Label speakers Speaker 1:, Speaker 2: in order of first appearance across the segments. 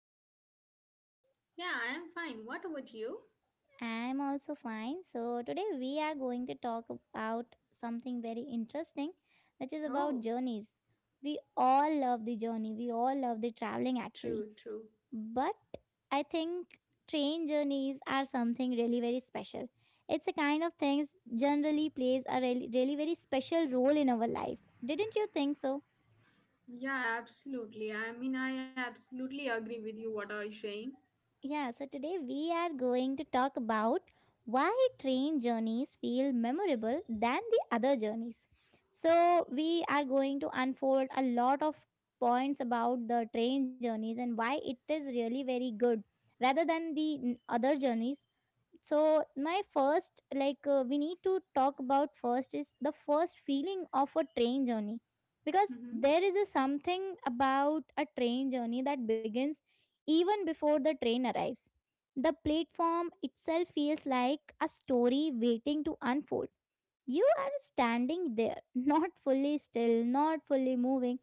Speaker 1: you?
Speaker 2: Yeah, I am fine. What about you?
Speaker 1: I'm also fine. So, today we are going to talk about something very interesting, which is about
Speaker 2: Oh,
Speaker 1: journeys. We all love the journey, we all love the traveling
Speaker 2: true,
Speaker 1: actually.
Speaker 2: true.
Speaker 1: But I think train journeys are something really very special. It's a kind of things generally plays a really, really very special role in our life. Didn't you think so?
Speaker 2: Yeah, absolutely. I mean, I absolutely agree with you what are you saying.
Speaker 1: Yeah, so today we are going to talk about why train journeys feel memorable than the other journeys. So, we are going to unfold a lot of points about the train journeys and why it is really very good rather than the other journeys. So my first like we need to talk about first is the first feeling of a train journey, because
Speaker 2: Mm-hmm.
Speaker 1: there is a something about a train journey that begins even before the train arrives. The platform itself feels like a story waiting to unfold. You are standing there, not fully still, not fully moving,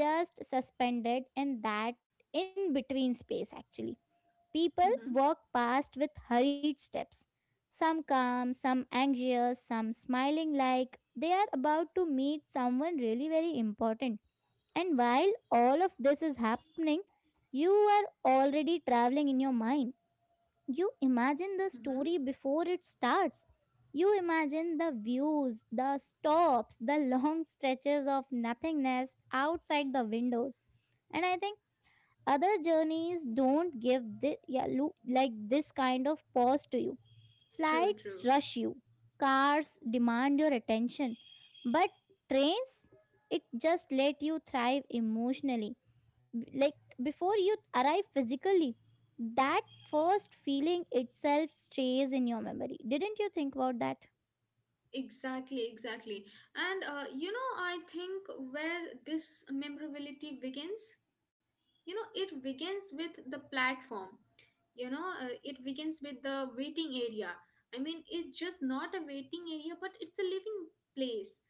Speaker 1: just suspended in that in between space actually. People
Speaker 2: Mm-hmm.
Speaker 1: walk past with hurried steps, some calm, some anxious, some smiling like they are about to meet someone really very important. And while all of this is happening, you are already traveling in your mind. You imagine the
Speaker 2: Mm-hmm.
Speaker 1: story before it starts, you imagine the views, the stops, the long stretches of nothingness outside the windows. And I think other journeys don't give this, yeah, like this kind of pause to you.
Speaker 2: True,
Speaker 1: Flights
Speaker 2: true.
Speaker 1: rush you, cars demand your attention, but trains, it just let you thrive emotionally like before you arrive physically. That first feeling itself stays in your memory, didn't you think about that?
Speaker 2: Exactly, exactly. And you know, I think where this memorability begins, you know, it begins with the platform. You know, it begins with the waiting area. I mean, it's just not a waiting area, but it's a living place.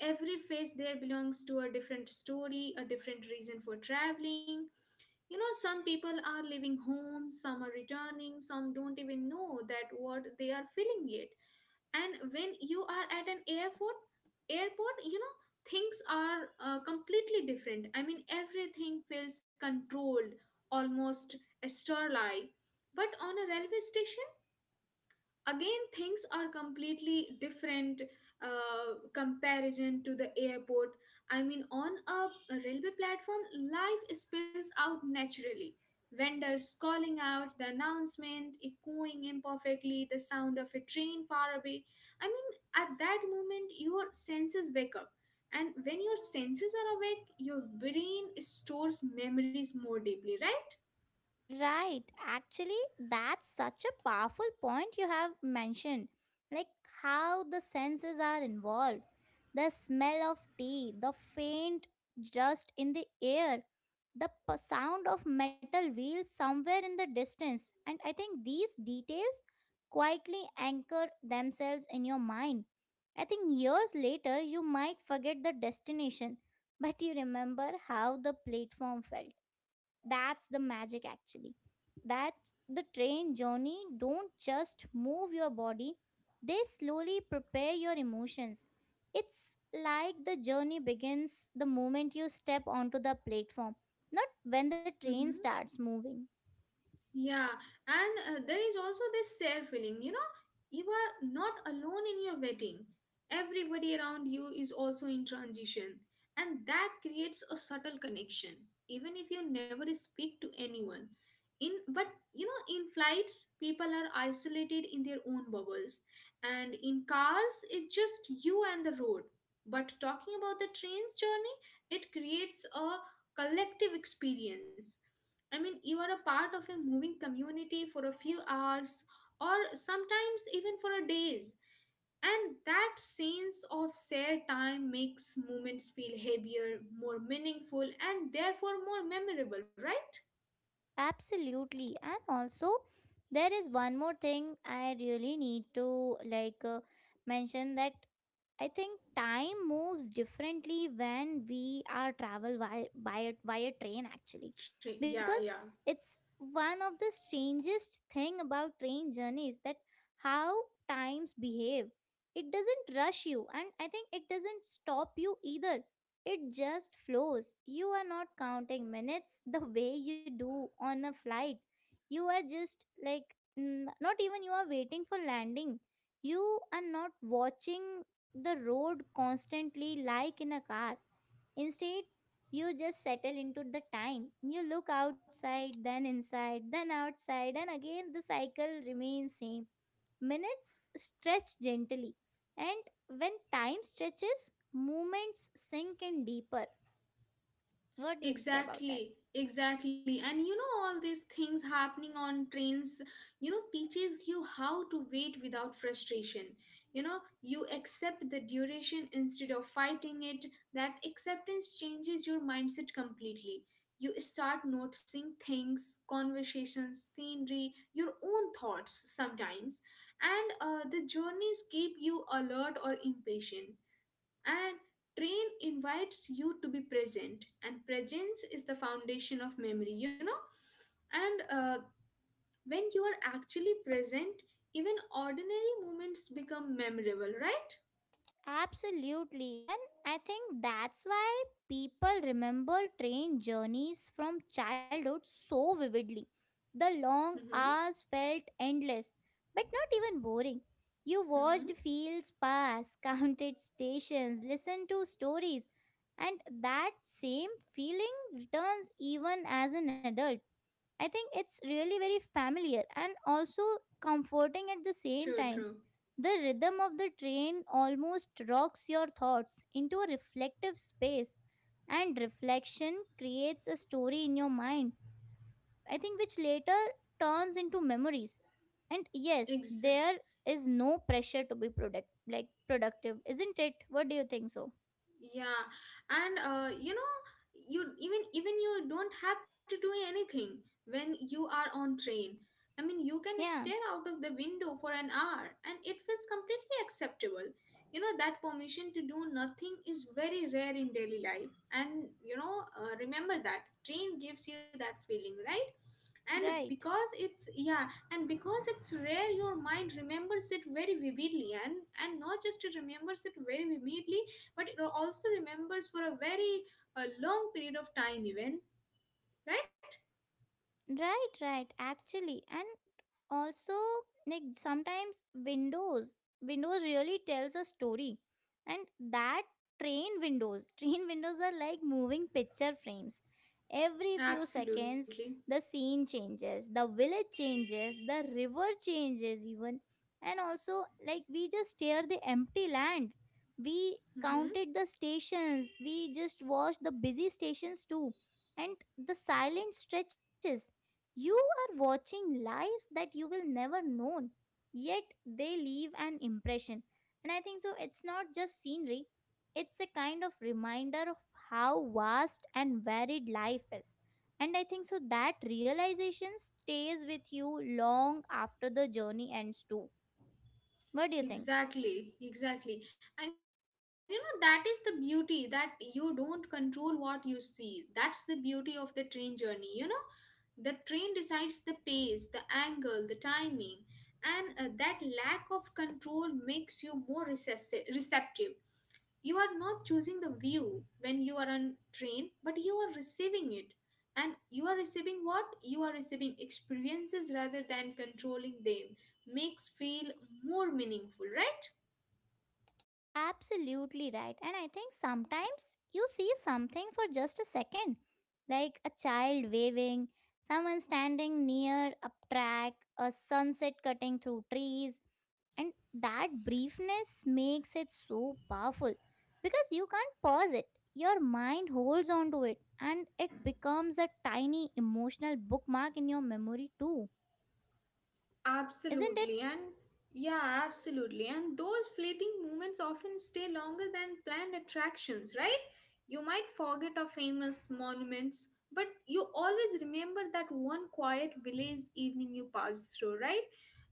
Speaker 2: Every face there belongs to a different story, a different reason for traveling. You know, some people are leaving home, some are returning, some don't even know that what they are feeling yet. And when you are at an airport, you know, things are completely different. I mean, everything feels controlled, almost sterile, but on a railway station, again things are completely different, comparison to the airport. I mean, on a railway platform, life spills out naturally. Vendors calling out, the announcement echoing imperfectly, the sound of a train far away. I mean, at that moment, your senses wake up. And when your senses are awake, your brain stores memories more deeply, right?
Speaker 1: Right. Actually, that's such a powerful point you have mentioned. Like how the senses are involved. The smell of tea, the faint dust in the air, the sound of metal wheels somewhere in the distance. And I think these details quietly anchor themselves in your mind. I think years later, you might forget the destination, but you remember how the platform felt. That's the magic, actually that's the train journey don't just move your body, they slowly prepare your emotions. It's like the journey begins the moment you step onto the platform, not when the
Speaker 2: Mhm.
Speaker 1: train starts moving.
Speaker 2: Yeah, and there is also this shared feeling, you know, you are not alone in your wedding. Everybody around you is also in transition, and that creates a subtle connection, even if you never speak to anyone. In but you know, in flights, people are isolated in their own bubbles, and in cars, it's just you and the road. But talking about the train's journey, it creates a collective experience. I mean, you are a part of a moving community for a few hours or sometimes even for a days. And that sense of shared time makes moments feel heavier, more meaningful, and therefore more memorable, right?
Speaker 1: Absolutely. And also, there is one more thing I really need to like mention that I think time moves differently when we are travel via train actually,
Speaker 2: Yeah,
Speaker 1: because
Speaker 2: yeah.
Speaker 1: it's one of the strangest thing about train journeys that how times behave. It doesn't rush you and I think it doesn't stop you either, it just flows. You are not counting minutes the way you do on a flight. You are just like not even you are waiting for landing, you are not watching the road constantly like in a car. Instead, you just settle into the time. You look outside, then inside, then outside, and again the cycle remains same. Minutes stretch gently, and when time stretches, movements sink in deeper. What do you say about that?
Speaker 2: Exactly, exactly. And you know, all these things happening on trains, you know, teaches you how to wait without frustration. You know, you accept the duration instead of fighting it. That acceptance changes your mindset completely. You start noticing things, conversations, scenery, your own thoughts sometimes. And the journeys keep you alert or impatient. And train invites you to be present, and presence is the foundation of memory, you know. And when you are actually present, even ordinary moments become memorable, right?
Speaker 1: Absolutely. And I think that's why people remember train journeys from childhood so vividly. The long
Speaker 2: Mm-hmm.
Speaker 1: hours felt endless, but not even boring. You watched
Speaker 2: Mm-hmm.
Speaker 1: fields pass, counted stations, listened to stories, and that same feeling returns even as an adult. I think it's really very familiar and also comforting at the same
Speaker 2: True,
Speaker 1: time.
Speaker 2: true.
Speaker 1: The rhythm of the train almost rocks your thoughts into a reflective space, and reflection creates a story in your mind, I think, which later turns into memories. And yes,
Speaker 2: Exactly.
Speaker 1: there is no pressure to be product like productive, isn't it? What do you think so?
Speaker 2: Yeah, and you know, you even you don't have to do anything when you are on train. I mean, you can
Speaker 1: Yeah,
Speaker 2: stare out of the window for an hour and it feels completely acceptable. You know, that permission to do nothing is very rare in daily life. And you know, remember that train gives you that feeling, right? And
Speaker 1: right.
Speaker 2: because it's yeah, and because it's rare, your mind remembers it very vividly. And not just it remembers it very vividly, but it also remembers for a very long period of time even, right?
Speaker 1: Right, right, actually. And also like sometimes windows really tells a story and that train windows train windows are like moving picture frames every few
Speaker 2: Absolutely.
Speaker 1: seconds. The scene changes, the village changes, the river changes even. And also like we just stare the empty land, we
Speaker 2: Mm-hmm.
Speaker 1: counted the stations, we just watched the busy stations too, and the silent stretches. You are watching lives that you will never know, yet they leave an impression. And I think so, it's not just scenery, it's a kind of reminder of how vast and varied life is. And I think so, that realization stays with you long after the journey ends, too. What do you think?
Speaker 2: Exactly, exactly. And you know, that is the beauty that you don't control what you see. That's the beauty of the train journey, you know. The train decides the pace, the angle, the timing. And that lack of control makes you more receptive. You are not choosing the view when you are on train, but you are receiving it. And you are receiving what? You are receiving experiences rather than controlling them. Makes feel more meaningful, right?
Speaker 1: Absolutely right. And I think sometimes you see something for just a second, like a child waving, someone standing near a track, a sunset cutting through trees. And that briefness makes it so powerful because you can't pause it. Your mind holds on to it and it becomes a tiny emotional bookmark in your memory, too, isn't
Speaker 2: Absolutely,
Speaker 1: it?
Speaker 2: and yeah, absolutely. And those fleeting moments often stay longer than planned attractions, right? You might forget our famous monuments, but you always remember that one quiet village evening you passed through, right?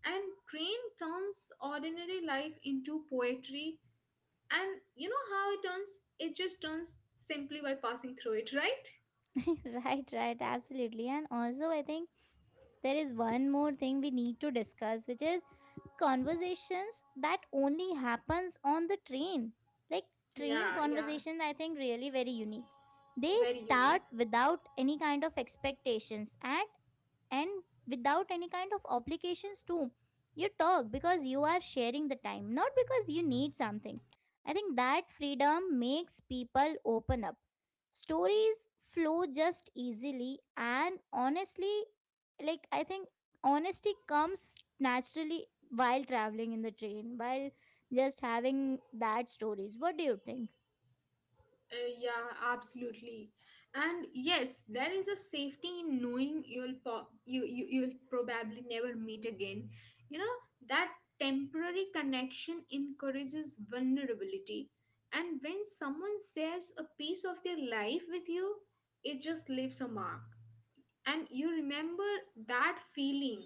Speaker 2: And train turns ordinary life into poetry, and you know how it turns? It just turns simply by passing through it, right?
Speaker 1: Right, right, absolutely. And also, I think there is one more thing we need to discuss, which is conversations that only happens on the train. Like train
Speaker 2: Yeah, yeah,
Speaker 1: conversation, I think really very unique. They
Speaker 2: very unique.
Speaker 1: start without any kind of expectations and without any kind of obligations too. You talk because you are sharing the time, not because you need something. I think that freedom makes people open up. Stories flow just easily and honestly. Like I think honesty comes naturally while traveling in the train, while just having that stories. What do you think?
Speaker 2: Yeah, absolutely. And yes, there is a safety in knowing you'll you'll probably never meet again. You know, that temporary connection encourages vulnerability. And when someone shares a piece of their life with you, it just leaves a mark and you remember that feeling,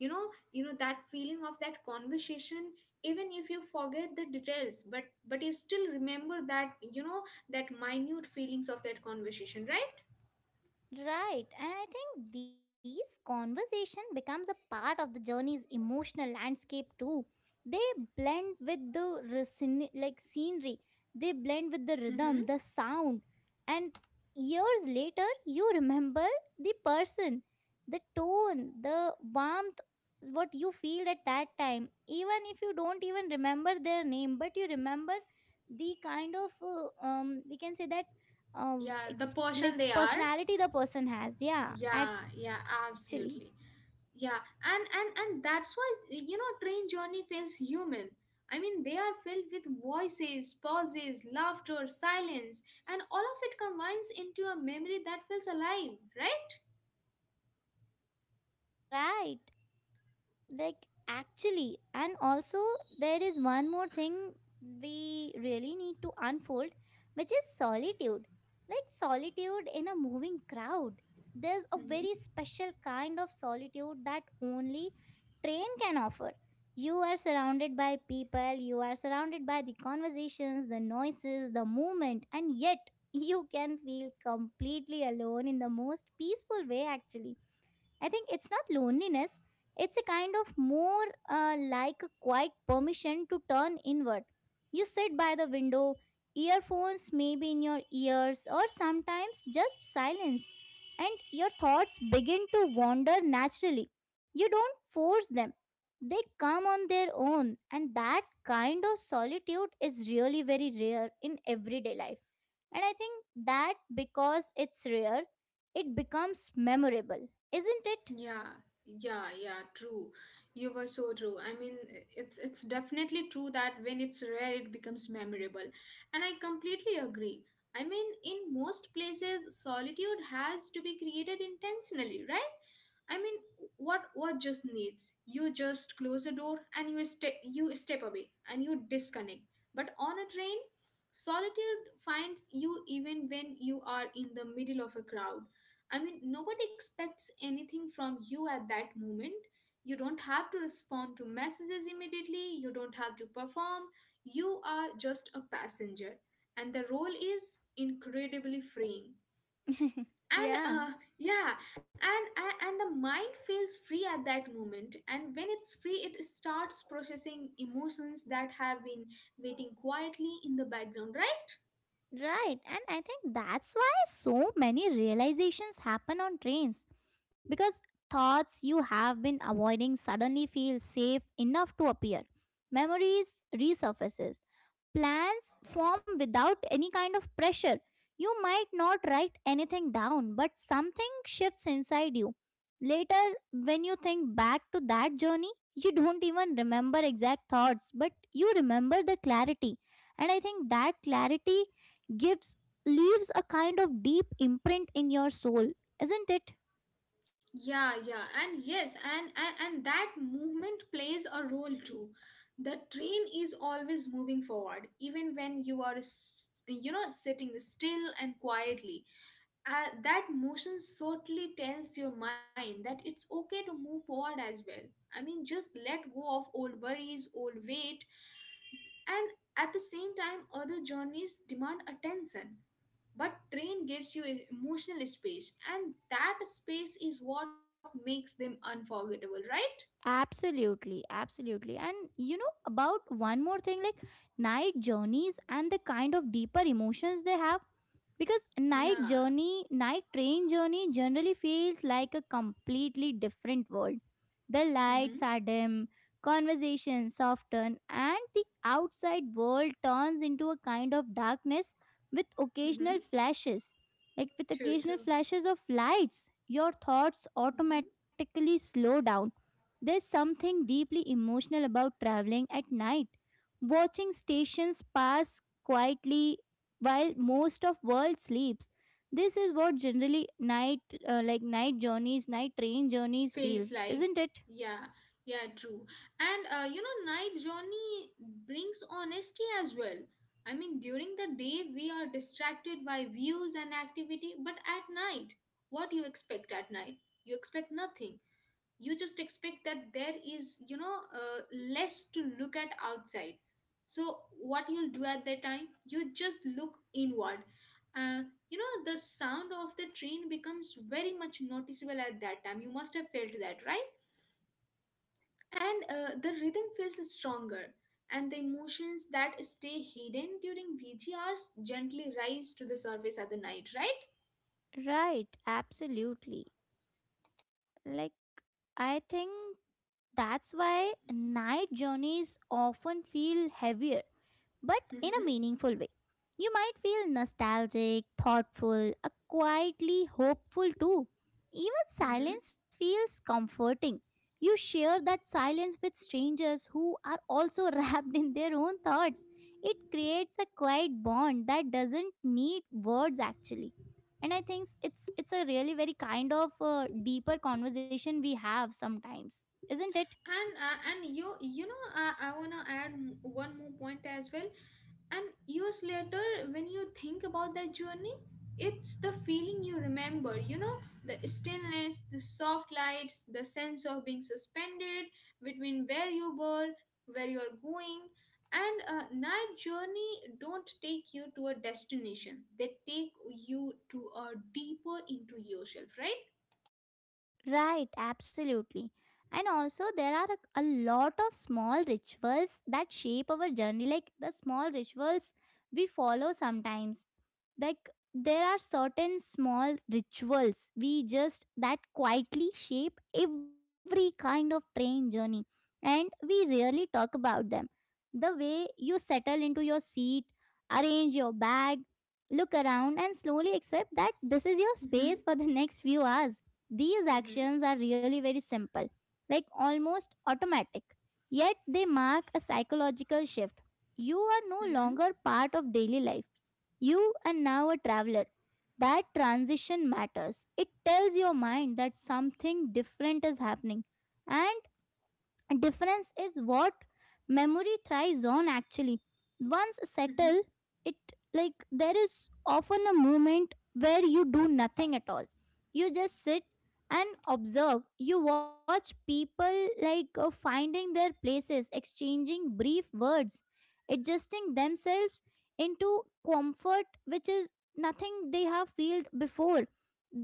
Speaker 2: you know. You know that feeling of that conversation, even if you forget the details, but you still remember that, you know, that minute feelings of that conversation, right?
Speaker 1: Right, and I think these conversation becomes a part of the journey's emotional landscape too. They blend with the like scenery. They blend with the rhythm,
Speaker 2: Mm-hmm.
Speaker 1: the sound, and years later you remember the person, the tone, the warmth, what you feel at that time. Even if you don't even remember their name, but you remember the kind of we can say that
Speaker 2: Yeah, the person
Speaker 1: like
Speaker 2: they are,
Speaker 1: personality the person has, yeah
Speaker 2: yeah,
Speaker 1: actually.
Speaker 2: yeah, absolutely. Yeah. And that's why, you know, train journey feels human. I mean, they are filled with voices, pauses, laughter, silence, and all of it combines into a memory that feels alive, right?
Speaker 1: Right, like actually, and also there is one more thing we really need to unfold, which is solitude. Like solitude in a moving crowd, there's a very
Speaker 2: Hmm.
Speaker 1: special kind of solitude that only train can offer. You are surrounded by people, you are surrounded by the conversations, the noises, the movement, and yet you can feel completely alone in the most peaceful way actually. I think it's not loneliness, it's a kind of more like a quiet permission to turn inward. You sit by the window, earphones maybe in your ears, or sometimes just silence, and your thoughts begin to wander naturally. You don't force them, they come on their own, and that kind of solitude is really very rare in everyday life. And I think that because it's rare, it becomes memorable, isn't it?
Speaker 2: Yeah, yeah, yeah, true. You were so true. I mean, it's definitely true that when it's rare, it becomes memorable. And I completely agree. I mean, in most places solitude has to be created intentionally, right? I mean, what just needs? You just close a door and you step away and you disconnect. But on a train, solitude finds you even when you are in the middle of a crowd. I mean, nobody expects anything from you at that moment. You don't have to respond to messages immediately, you don't have to perform. You are just a passenger, and the role is incredibly freeing.
Speaker 1: Yeah,
Speaker 2: And yeah, and the mind feels free at that moment. And when it's free, it starts processing emotions that have been waiting quietly in the background, right?
Speaker 1: right. And I think that's why so many realizations happen on trains, because thoughts you have been avoiding suddenly feel safe enough to appear. Memories resurfaces. Plans form without any kind of pressure. You might not write anything down, but something shifts inside you. Later, when you think back to that journey, you don't even remember exact thoughts, but you remember the clarity. And I think that clarity gives leaves a kind of deep imprint in your soul, isn't it?
Speaker 2: Yeah, yeah, and yes, and, and that movement plays a role too. The train is always moving forward, even when you are you know, sitting still and quietly. That motion certainly tells your mind that it's okay to move forward as well. I mean, just let go of old worries, old weight. And at the same time, other journeys demand attention, but train gives you emotional space, and that space is what makes them unforgettable, right?
Speaker 1: Absolutely, absolutely. And you know, about one more thing like night journeys and the kind of deeper emotions they have. Because night
Speaker 2: Yeah.
Speaker 1: journey, night train journey generally feels like a completely different world. The
Speaker 2: Mm-hmm.
Speaker 1: lights are dim, conversations soften, and the outside world turns into a kind of darkness with occasional
Speaker 2: Mm-hmm.
Speaker 1: flashes. Like with
Speaker 2: True,
Speaker 1: occasional
Speaker 2: true.
Speaker 1: flashes of lights, your thoughts
Speaker 2: Mm-hmm.
Speaker 1: automatically slow down. There's something deeply emotional about traveling at night, watching stations pass quietly while most of world sleeps. This is what generally night like night journeys, night train journeys
Speaker 2: Feels
Speaker 1: feels,
Speaker 2: like.
Speaker 1: isn't it?
Speaker 2: Yeah, yeah, true. And you know, night journey brings honesty as well. I mean, during the day we are distracted by views and activity, but at night, what you expect at night? You expect nothing. You just expect that there is, you know, less to look at outside. So what you'll do at that time, you just look inward. uh, you know, the sound of the train becomes very much noticeable at that time, you must have felt that, right? And the rhythm feels stronger, and the emotions that stay hidden during VGRs gently rise to the surface at the night, right?
Speaker 1: Right, absolutely. Like, I think that's why night journeys often feel heavier, but in a
Speaker 2: Mm-hmm.
Speaker 1: meaningful way. You might feel nostalgic, thoughtful, quietly hopeful too. Even
Speaker 2: Mm-hmm.
Speaker 1: silence feels comforting. You share that silence with strangers who are also wrapped in their own thoughts. It creates a quiet bond that doesn't need words actually. And I think it's a really very kind of deeper conversation we have sometimes, isn't it?
Speaker 2: And uh, and you know, I wanna add one more point as well. And years later, when you think about that journey, it's the feeling you remember, you know, the stillness, the soft lights, the sense of being suspended between where you were, where you're going. And a night journey don't take you to a destination. They take you to a deeper into yourself, right?
Speaker 1: Right, absolutely. And also, there are a lot of small rituals that shape our journey, like the small rituals we follow sometimes. Like, there are certain small rituals we just that quietly shape every kind of train journey, and we rarely talk about them. The way you settle into your seat, arrange your bag, look around, and slowly accept that this is your
Speaker 2: Mm-hmm.
Speaker 1: space for the next few hours. These
Speaker 2: Mm-hmm.
Speaker 1: actions are really very simple, like almost automatic, yet they mark a psychological shift. You are no longer part of daily life, you are now a traveler. That transition matters. It tells your mind that something different is happening, and difference is what memory thrives on actually. Once
Speaker 2: Mm-hmm.
Speaker 1: settled, it like there is often a moment where you do nothing at all. You just sit and observe. You watch people like finding their places, exchanging brief words, adjusting themselves into comfort, which is nothing they have felt before.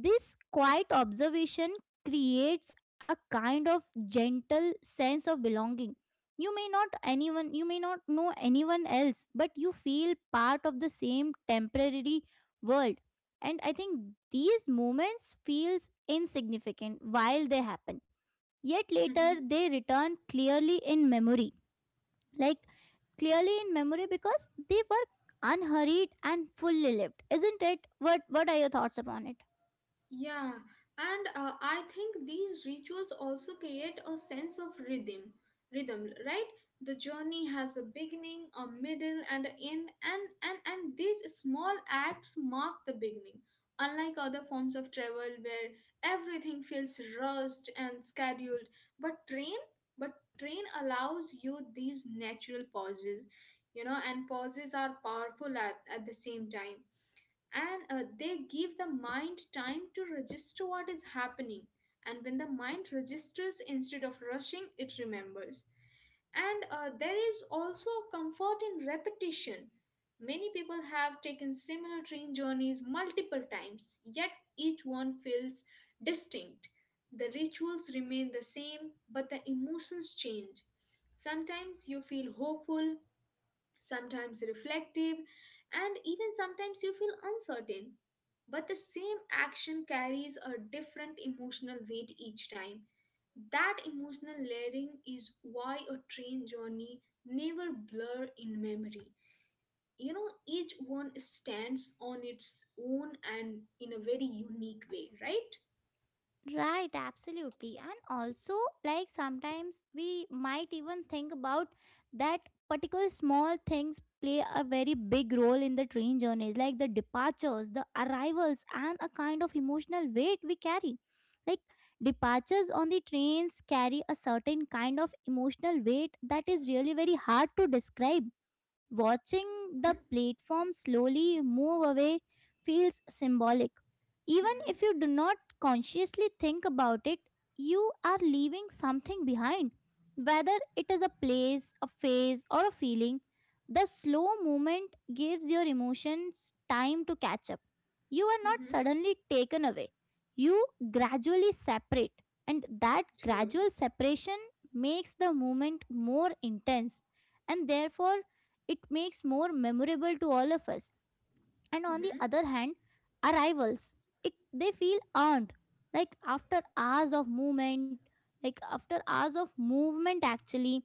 Speaker 1: This quiet observation creates a kind of gentle sense of belonging. you may not you may not know anyone else, but you feel part of the same temporary world. And I think these moments feels insignificant while they happen, yet later
Speaker 2: Mm-hmm.
Speaker 1: they return clearly in memory, like clearly in memory because they were unhurried and fully lived, isn't it? What are your thoughts upon it?
Speaker 2: Yeah, and I think these rituals also create a sense of rhythm. Rhythm, right? The journey has a beginning, a middle, and an end, and and these small acts mark the beginning. Unlike other forms of travel where everything feels rushed and scheduled, but train, but train allows you these natural pauses. You know, and pauses are powerful at the same time. And they give the mind time to register what is happening. And when the mind registers instead of rushing, it remembers. And there is also comfort in repetition. Many people have taken similar train journeys multiple times, yet each one feels distinct. The rituals remain the same, but the emotions change. Sometimes you feel hopeful, sometimes reflective, and even sometimes you feel uncertain. But the same action carries a different emotional weight each time. That emotional layering is why a train journey never blur in memory. You know, each one stands on its own and in a very unique way, right?
Speaker 1: Right, absolutely. And also, like, sometimes we might even think about that particular small things play a very big role in the train journeys, like the departures, the arrivals, and a kind of emotional weight we carry. Like, departures on the trains carry a certain kind of emotional weight that is really very hard to describe. Watching
Speaker 2: Mm-hmm.
Speaker 1: the platform slowly move away feels symbolic. Even
Speaker 2: Mm-hmm.
Speaker 1: if you do not consciously think about it, you are leaving something behind. Whether it is a place, a phase, or a feeling, the slow movement gives your emotions time to catch up. You are not
Speaker 2: Mm-hmm.
Speaker 1: suddenly taken away, you gradually separate, and that
Speaker 2: True.
Speaker 1: gradual separation makes the movement more intense, and therefore it makes more memorable to all of us. And on the
Speaker 2: Mm-hmm.
Speaker 1: other hand, arrivals, it they feel earned. like after hours of movement like after hours of movement actually,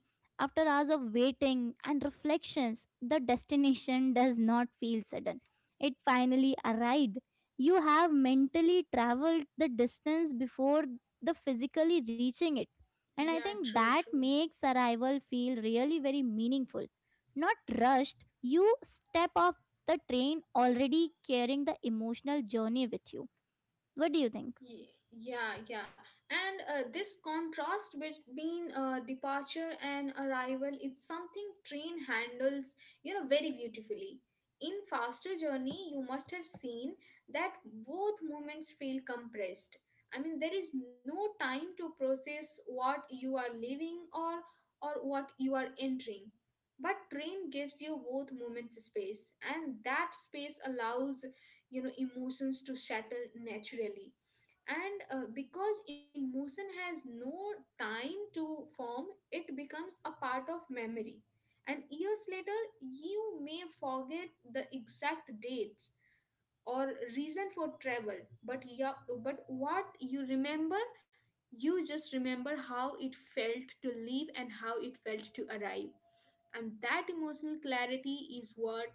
Speaker 1: after hours of waiting and reflections, the destination does not feel sudden. It finally arrived. You have mentally traveled the distance before the physically reaching it, and I
Speaker 2: Yeah,
Speaker 1: think
Speaker 2: true,
Speaker 1: that
Speaker 2: true.
Speaker 1: makes arrival feel really very meaningful, not rushed. You step off the train already carrying the emotional journey with you. What do you think?
Speaker 2: Yeah, yeah. And this contrast between departure and arrival is something train handles, you know, very beautifully. In faster journey, you must have seen that both moments feel compressed. I mean, there is no time to process what you are leaving or what you are entering. But train gives you both moments space, and that space allows, you know, emotions to settle naturally. And because emotion has no time to form, it becomes a part of memory. And years later you may forget the exact dates or reason for travel, but yeah, but what you remember, you just remember how it felt to leave and how it felt to arrive. And that emotional clarity is what,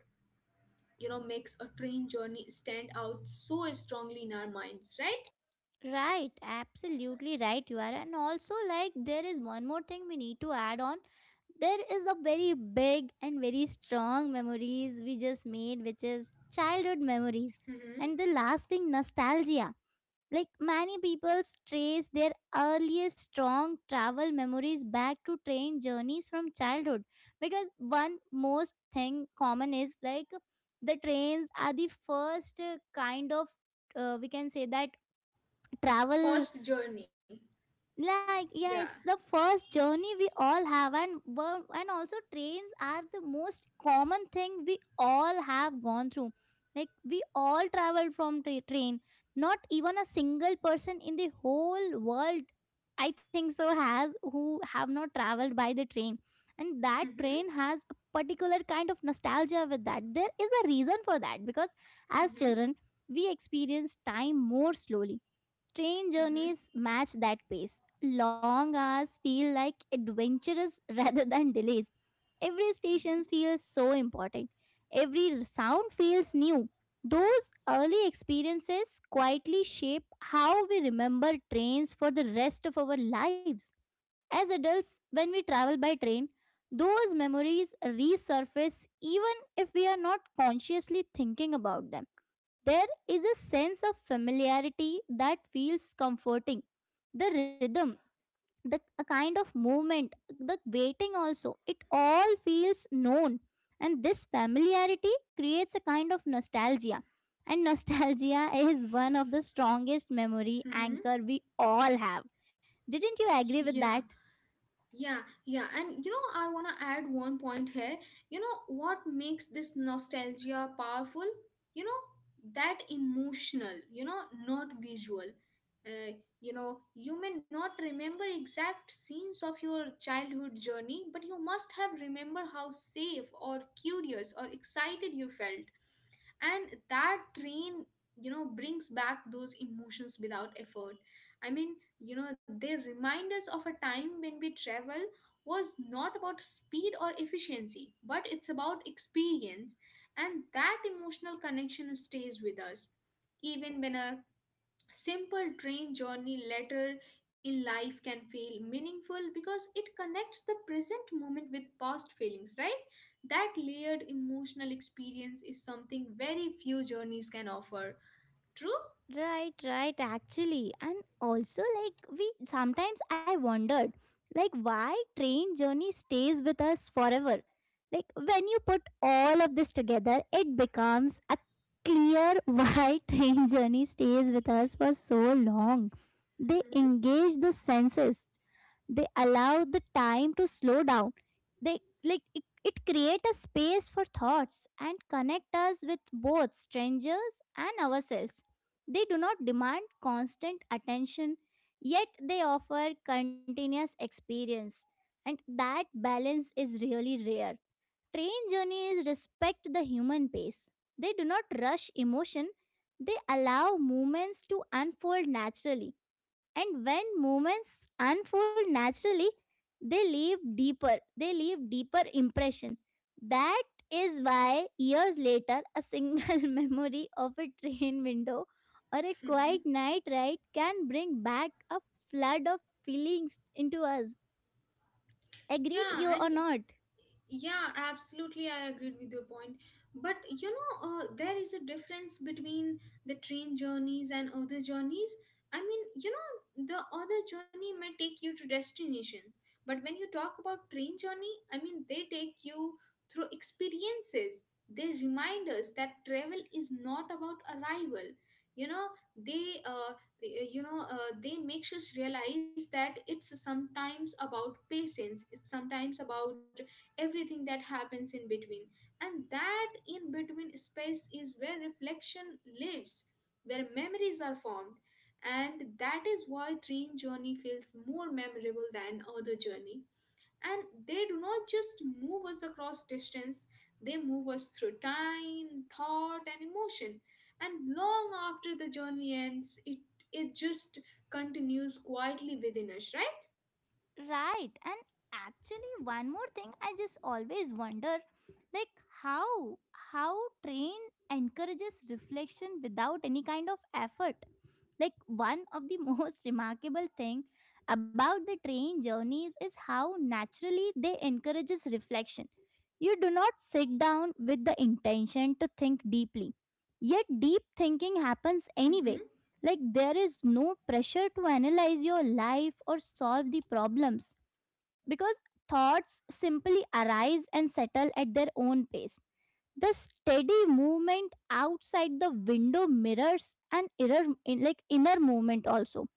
Speaker 2: you know, makes a train journey stand out so strongly in our minds, right?
Speaker 1: Right, absolutely right, you are. And also, like, there is one more thing we need to add on. There is a very big and very strong memories we just made, which is childhood memories
Speaker 2: Hmm.
Speaker 1: and the lasting nostalgia. Like many people trace their earliest strong travel memories back to train journeys from childhood, because one most thing common is like the trains are the first kind of we can say that travel,
Speaker 2: First journey.
Speaker 1: like,
Speaker 2: Yeah.
Speaker 1: yeah, it's the first journey we all have, and also trains are the most common thing we all have gone through. Like we all traveled from train. Not even a single person in the whole world, I think so, has who have not traveled by the train. And that train
Speaker 2: Mm-hmm.
Speaker 1: has a particular kind of nostalgia with that. There is a reason for that, because as
Speaker 2: Mm-hmm.
Speaker 1: children we experience time more slowly. Train
Speaker 2: Mm-hmm.
Speaker 1: journeys match that pace. Long hours feel like adventures rather than delays. Every station feels so important. Every sound feels new. Those early experiences quietly shape how we remember trains for the rest of our lives. As adults, when we travel by train, those memories resurface even if we are not consciously thinking about them. There is a sense of familiarity that feels comforting. The rhythm, the a kind of movement, the waiting also, it all feels known. And this familiarity creates a kind of nostalgia. And nostalgia is one of the strongest memory
Speaker 2: Mm-hmm. Mm-hmm.
Speaker 1: anchor we all have. Didn't you agree with
Speaker 2: Yeah.
Speaker 1: that?
Speaker 2: Yeah, yeah, and you know, I want to add one point here. You know, what makes this nostalgia powerful? You know, that emotional, not visual. Uh, you know, you may not remember exact scenes of your childhood journey, but you must have remember how safe or curious or excited you felt. And that train, brings back those emotions without effort. I mean, you know they remind us of a time when we travel was not about speed or efficiency, but it's about experience, and that emotional connection stays with us even when a simple train journey later in life can feel meaningful because it connects the present moment with past feelings, right? That layered emotional experience is something very few journeys can offer. True.
Speaker 1: Right, right, actually. And also, like, we sometimes I wondered, like, why train journey stays with us forever. Like, when you put all of this together, it becomes a clear why train journey stays with us for so long. They
Speaker 2: Hmm.
Speaker 1: engage the senses, they allow the time to slow down, they like it create a space for thoughts and connect us with both strangers and ourselves. They do not demand constant attention, yet they offer continuous experience, and that balance is really rare. Train journeys respect the human pace. They do not rush emotion, they allow movements to unfold naturally, and when moments unfold naturally, they leave deeper impression. That is why years later, a single memory of a train window or a quiet night ride can bring back a flood of feelings into us. Agreed
Speaker 2: Yeah,
Speaker 1: you or
Speaker 2: and
Speaker 1: not?
Speaker 2: Yeah, absolutely. I agreed with your point. But you know, there is a difference between the train journeys and other journeys. I mean, you know, the other journey may take you to destinations, but when you talk about train journey, I mean, they take you through experiences. They remind us that travel is not about arrival. You know, they, uh, they makes us realize that it's sometimes about patience. It's sometimes about everything that happens in between, and that in between space is where reflection lives, where memories are formed, and that is why train journey feels more memorable than other journey, and they do not just move us across distance, they move us through time, thought, and emotion. And long after the journey ends, it just continues quietly within us, right?
Speaker 1: Right. And actually, one more thing I just always wonder, like, how how train encourages reflection without any kind of effort. Like, one of the most remarkable thing about the train journeys is how naturally they encourages reflection. You do not sit down with the intention to think deeply. Yet deep thinking happens anyway.
Speaker 2: Mhm.
Speaker 1: Like there is no pressure to analyze your life or solve the problems, because thoughts simply arise and settle at their own pace. The steady movement outside the window mirrors an like inner movement also.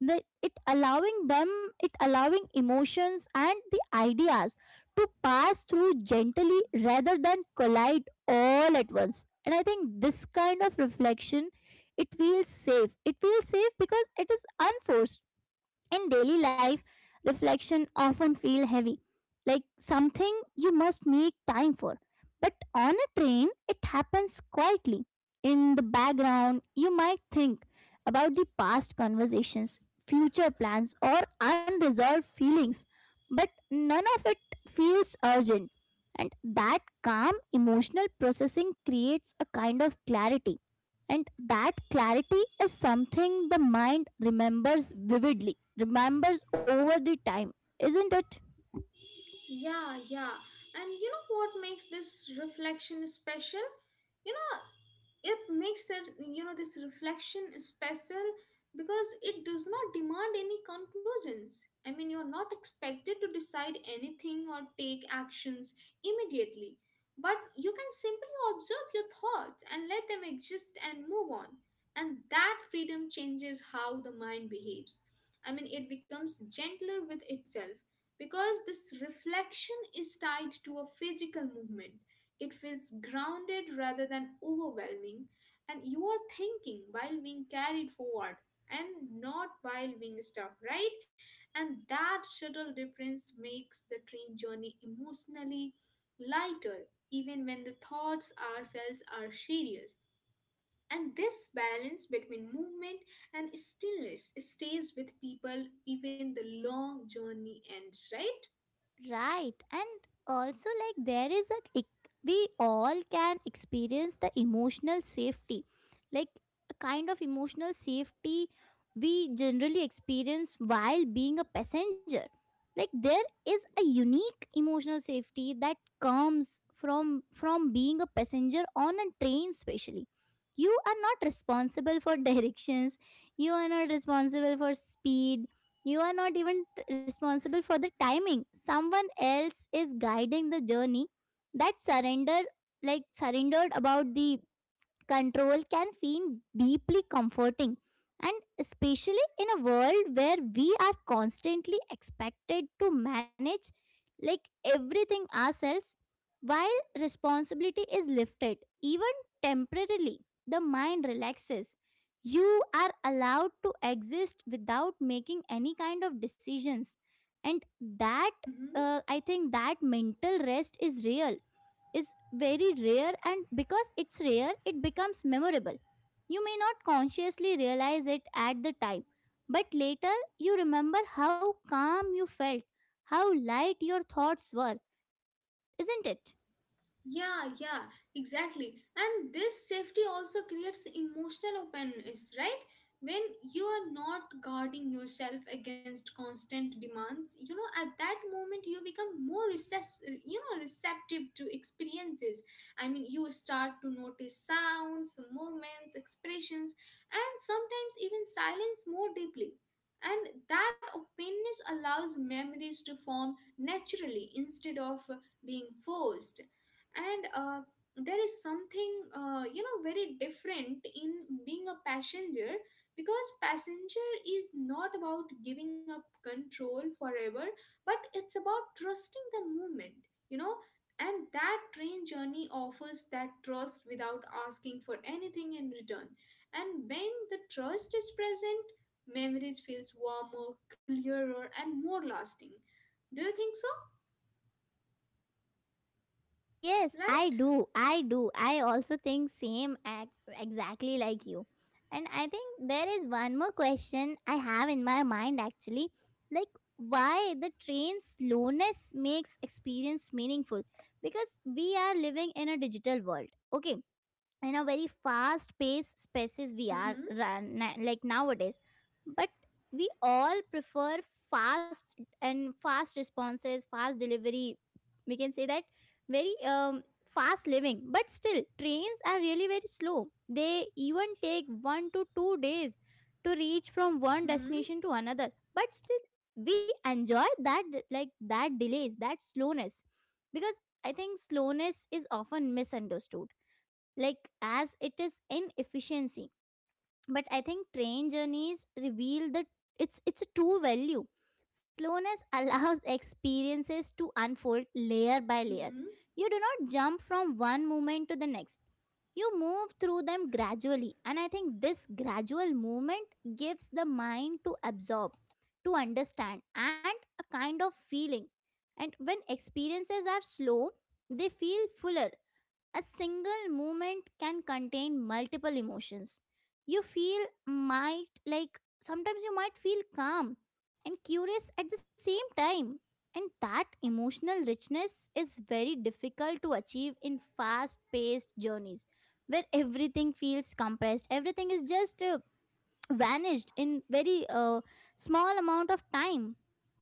Speaker 1: The, it allowing them, It allowing emotions and the ideas to pass through gently rather than collide all at once. And I think this kind of reflection, it feels safe. It feels safe because it is unforced. In daily life, reflection often feel heavy, like something you must make time for. But on a train, it happens quietly. In the background, you might think about the past conversations, future plans, or unresolved feelings, but none of it feels urgent. And that calm emotional processing creates a kind of clarity, and that clarity is something the mind remembers, vividly remembers over the time, isn't it?
Speaker 2: Yeah, yeah. And you know what makes this reflection special? You know, it makes it, you know, this reflection special because it does not demand any conclusions. I mean, you're not expected to decide anything or take actions immediately, but you can simply observe your thoughts and let them exist and move on. And that freedom changes how the mind behaves. I mean, it becomes gentler with itself. Because this reflection is tied to a physical movement, it feels grounded rather than overwhelming, and you are thinking while being carried forward and not while being stuck, right? And that subtle difference makes the train journey emotionally lighter, even when the thoughts ourselves are serious. And this balance between movement and stillness stays with people even the long journey ends, right?
Speaker 1: Right, and also like there is a we all can experience the emotional safety, like a kind of emotional safety we generally experience while being a passenger. Like there is a unique emotional safety that comes from being a passenger on a train especially. You are not responsible for directions, you are not responsible for speed, you are not even responsible for the timing. Someone else is guiding the journey. That surrender, like surrendered about the control, can feel deeply comforting, and especially in a world where we are constantly expected to manage like everything ourselves. While responsibility is lifted, even temporarily, the mind relaxes. You are allowed to exist without making any kind of decisions. And that,
Speaker 2: Mhm.
Speaker 1: I think, that mental rest is real, is very rare. And because it's rare, it becomes memorable. You may not consciously realize it at the time, but later you remember how calm you felt, how light your thoughts were, isn't it?
Speaker 2: Yeah, yeah, exactly. And this safety also creates emotional openness, right? When you are not guarding yourself against constant demands, you know, at that moment you become more receptive to experiences. I mean, you start to notice sounds, movements, expressions, and sometimes even silence more deeply. And that openness allows memories to form naturally instead of being forced. And there is something you know very different in being a passenger, because passenger is not about giving up control forever, but it's about trusting the moment, you know. And that train journey offers that trust without asking for anything in return, and when the trust is present, memories feels warmer, clearer, and more lasting. Do you think so?
Speaker 1: Yes, I
Speaker 2: Right.
Speaker 1: do. I do. I also think same exactly like you. And I think there is one more question I have in my mind actually. Like, why the train slowness makes experience meaningful, because we are living in a digital world. Okay, in a very fast paced spaces we are
Speaker 2: Mm-hmm.
Speaker 1: run, like nowadays. But we all prefer fast and fast responses, fast delivery, we can say that very fast living. But still trains are really very slow, they even take 1 to 2 days to reach from one
Speaker 2: Mm-hmm.
Speaker 1: destination to another, but still we enjoy that, like that delays, that slowness. Because I think slowness is often misunderstood, like as it is inefficiency, but I think train journeys reveal that it's a true value. Slowness allows experiences to unfold layer by layer.
Speaker 2: Mm-hmm.
Speaker 1: You do not jump from one moment to the next, you move through them gradually, and I think this gradual movement gives the mind to absorb, to understand, and a kind of feeling. And when experiences are slow, they feel fuller. A single movement can contain multiple emotions. You feel might Like sometimes you might feel calm and curious at the same time. And that emotional richness is very difficult to achieve in fast paced journeys where everything feels compressed, everything is just vanished in very small amount of time,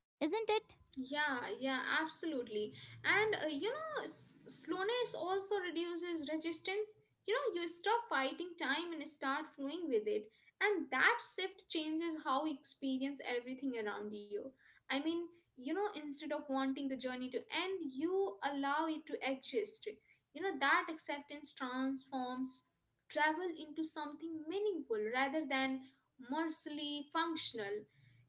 Speaker 1: isn't it?
Speaker 2: Yeah, yeah, absolutely. And you know, slowness also reduces resistance. You know, you stop fighting time and start flowing with it. And that shift changes how you experience everything around you. I mean, you know, instead of wanting the journey to end, you allow it to exist. You know, that acceptance transforms travel into something meaningful rather than merely functional.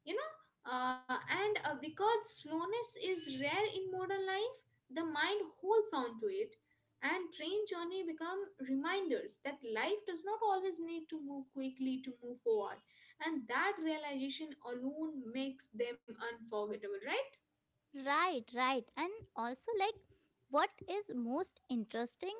Speaker 2: You know uh, and Because slowness is rare in modern life, the mind holds on to it, and train journey become reminders that life does not always need to move quickly to move forward, and that realization alone makes them unforgettable, right?
Speaker 1: Right, right, and also, like, what is most interesting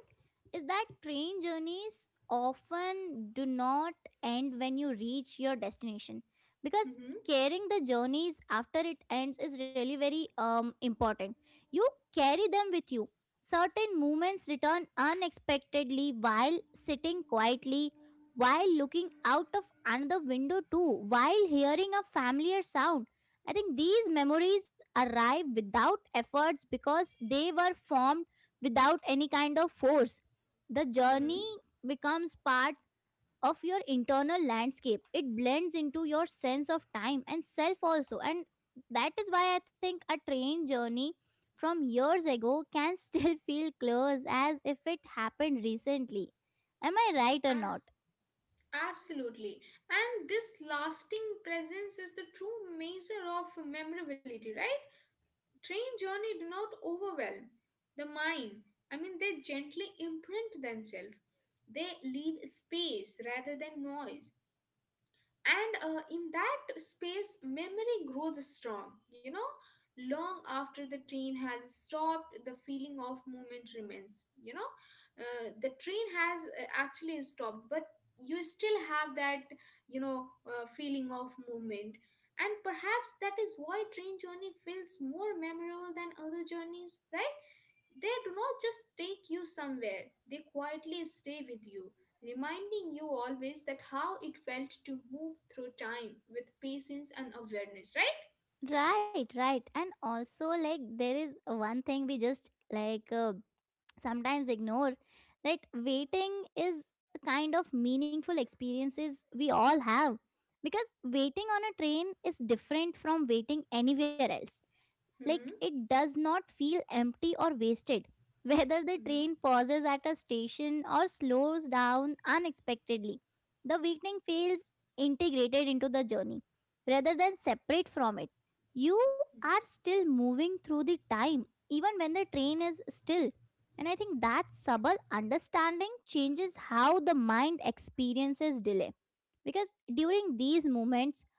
Speaker 1: is that train journeys often do not end when you reach your destination, because
Speaker 2: Mm-hmm.
Speaker 1: carrying the journeys after it ends is really very important. You carry them with you. Certain moments return unexpectedly while sitting quietly, while looking out of another window too, while hearing a familiar sound. I think these memories arrive without efforts because they were formed without any kind of force. The
Speaker 2: Mm-hmm.
Speaker 1: journey becomes part of your internal landscape. It blends into your sense of time and self also. And that is why I think a train journey from years ago can still feel close as if it happened recently. Am I right or
Speaker 2: Ah,
Speaker 1: not?
Speaker 2: Absolutely. And this lasting presence is the true measure of memorability, right? Train journey do not overwhelm the mind. I mean, they gently imprint themselves. They leave space rather than noise. And in that space memory grows strong, you know. Long after the train has stopped, the feeling of movement remains, you know. The train has actually stopped, but you still have that, you know, feeling of movement. And perhaps that is why train journey feels more memorable than other journeys, right? They do not just take you somewhere, they quietly stay with you, reminding you always that how it felt to move through time with patience and awareness, right?
Speaker 1: Right, right. And also, like, there is one thing we just like. Sometimes ignore that waiting is a kind of meaningful experiences we all have, because waiting on a train is different from waiting anywhere else. Like
Speaker 2: Hmm.
Speaker 1: it does not feel empty or wasted. Whether the
Speaker 2: Hmm.
Speaker 1: train pauses at a station or slows down unexpectedly, the weekend feels integrated into the journey rather than separate from it. You are still moving through the time even when the train is still, and I think that subtle understanding changes how the mind experiences delay, because during these moments,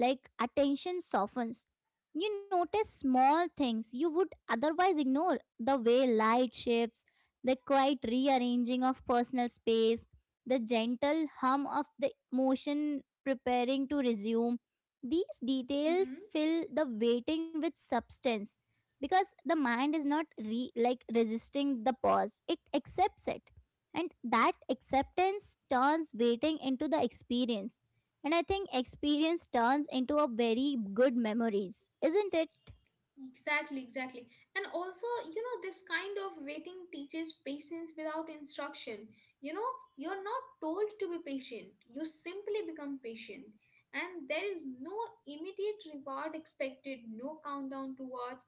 Speaker 1: like, attention softens. You notice small things you would otherwise ignore, the way light shifts, the quiet rearranging of personal space, the gentle hum of the motion preparing to resume. These
Speaker 2: Hmm.
Speaker 1: details fill the waiting with substance because the mind is not resisting the pause, it accepts it. And that acceptance turns waiting into the experience, and I think experience turns into a very good memories, isn't it?
Speaker 2: Exactly, exactly. And also, you know, this kind of waiting teaches patience without instruction. You know, you're not told to be patient, you simply become patient. And there is no immediate reward expected, no countdown to watch.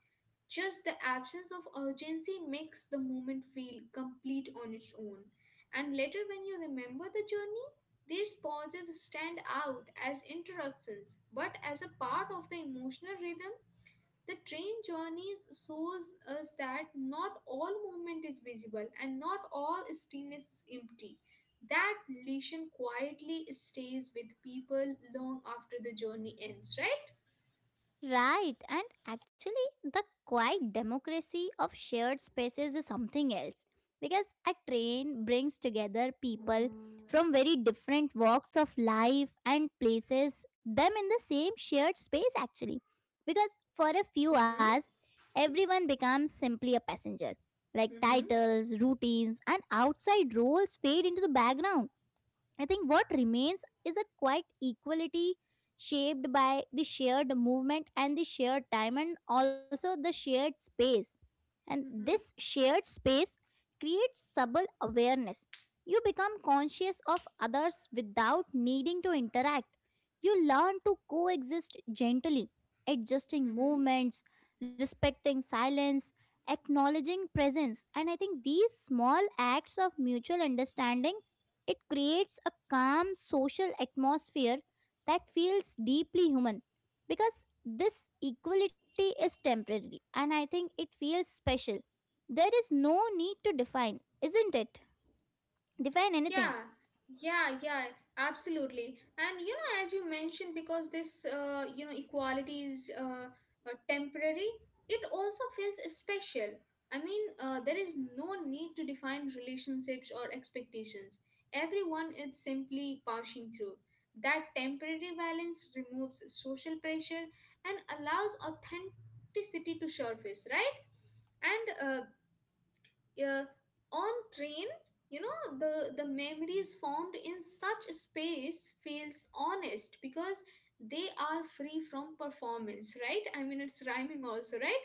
Speaker 2: Just the absence of urgency makes the moment feel complete on its own. And later, when you remember the journey, these pauses stand out as interruptions, but as a part of the emotional rhythm, the train journey shows us that not all movement is visible and not all stillness is empty. That lesson quietly stays with people long after the journey ends, right?
Speaker 1: Right, and actually, the quiet democracy of shared spaces is something else, because a train brings together people from very different walks of life and places them in the same shared space actually, because for a few hours
Speaker 2: Mm-hmm.
Speaker 1: everyone becomes simply a passenger. Like
Speaker 2: Mm-hmm.
Speaker 1: titles, routines and outside roles fade into the background. I think what remains is a quite equality shaped by the shared movement and the shared time and also the shared space. And
Speaker 2: Mm-hmm.
Speaker 1: this shared space creates subtle awareness. You become conscious of others without needing to interact. You learn to coexist gently, adjusting
Speaker 2: Mm-hmm.
Speaker 1: movements, respecting silence, acknowledging presence. And I think these small acts of mutual understanding, it creates a calm social atmosphere that feels deeply human, because this equality is temporary and I think it feels special. There is no need to define, isn't it? Define anything.
Speaker 2: Yeah, yeah, yeah, absolutely. And you know, as you mentioned, because this you know equality is temporary, it also feels special. I mean, there is no need to define relationships or expectations. Everyone is simply passing through. That temporary balance removes social pressure and allows authenticity to surface, right? And yeah, on train, you know, the memories formed in such a space feels honest because they are free from performance, right? I mean, it's rhyming also, right?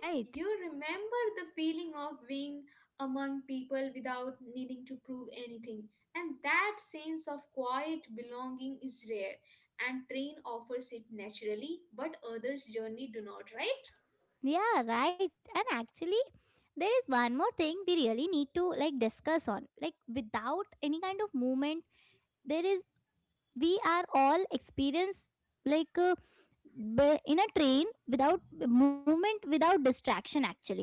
Speaker 2: you
Speaker 1: Right.
Speaker 2: remember the feeling of being among people without needing to prove anything. And that sense of quiet belonging is rare. And train offers it naturally, but others' journey do not, right?
Speaker 1: Yeah, right. And actually, there is one more thing we really need to like discuss on. Like without any kind of movement, there is we are all experience, like but in a train without movement, without distraction, actually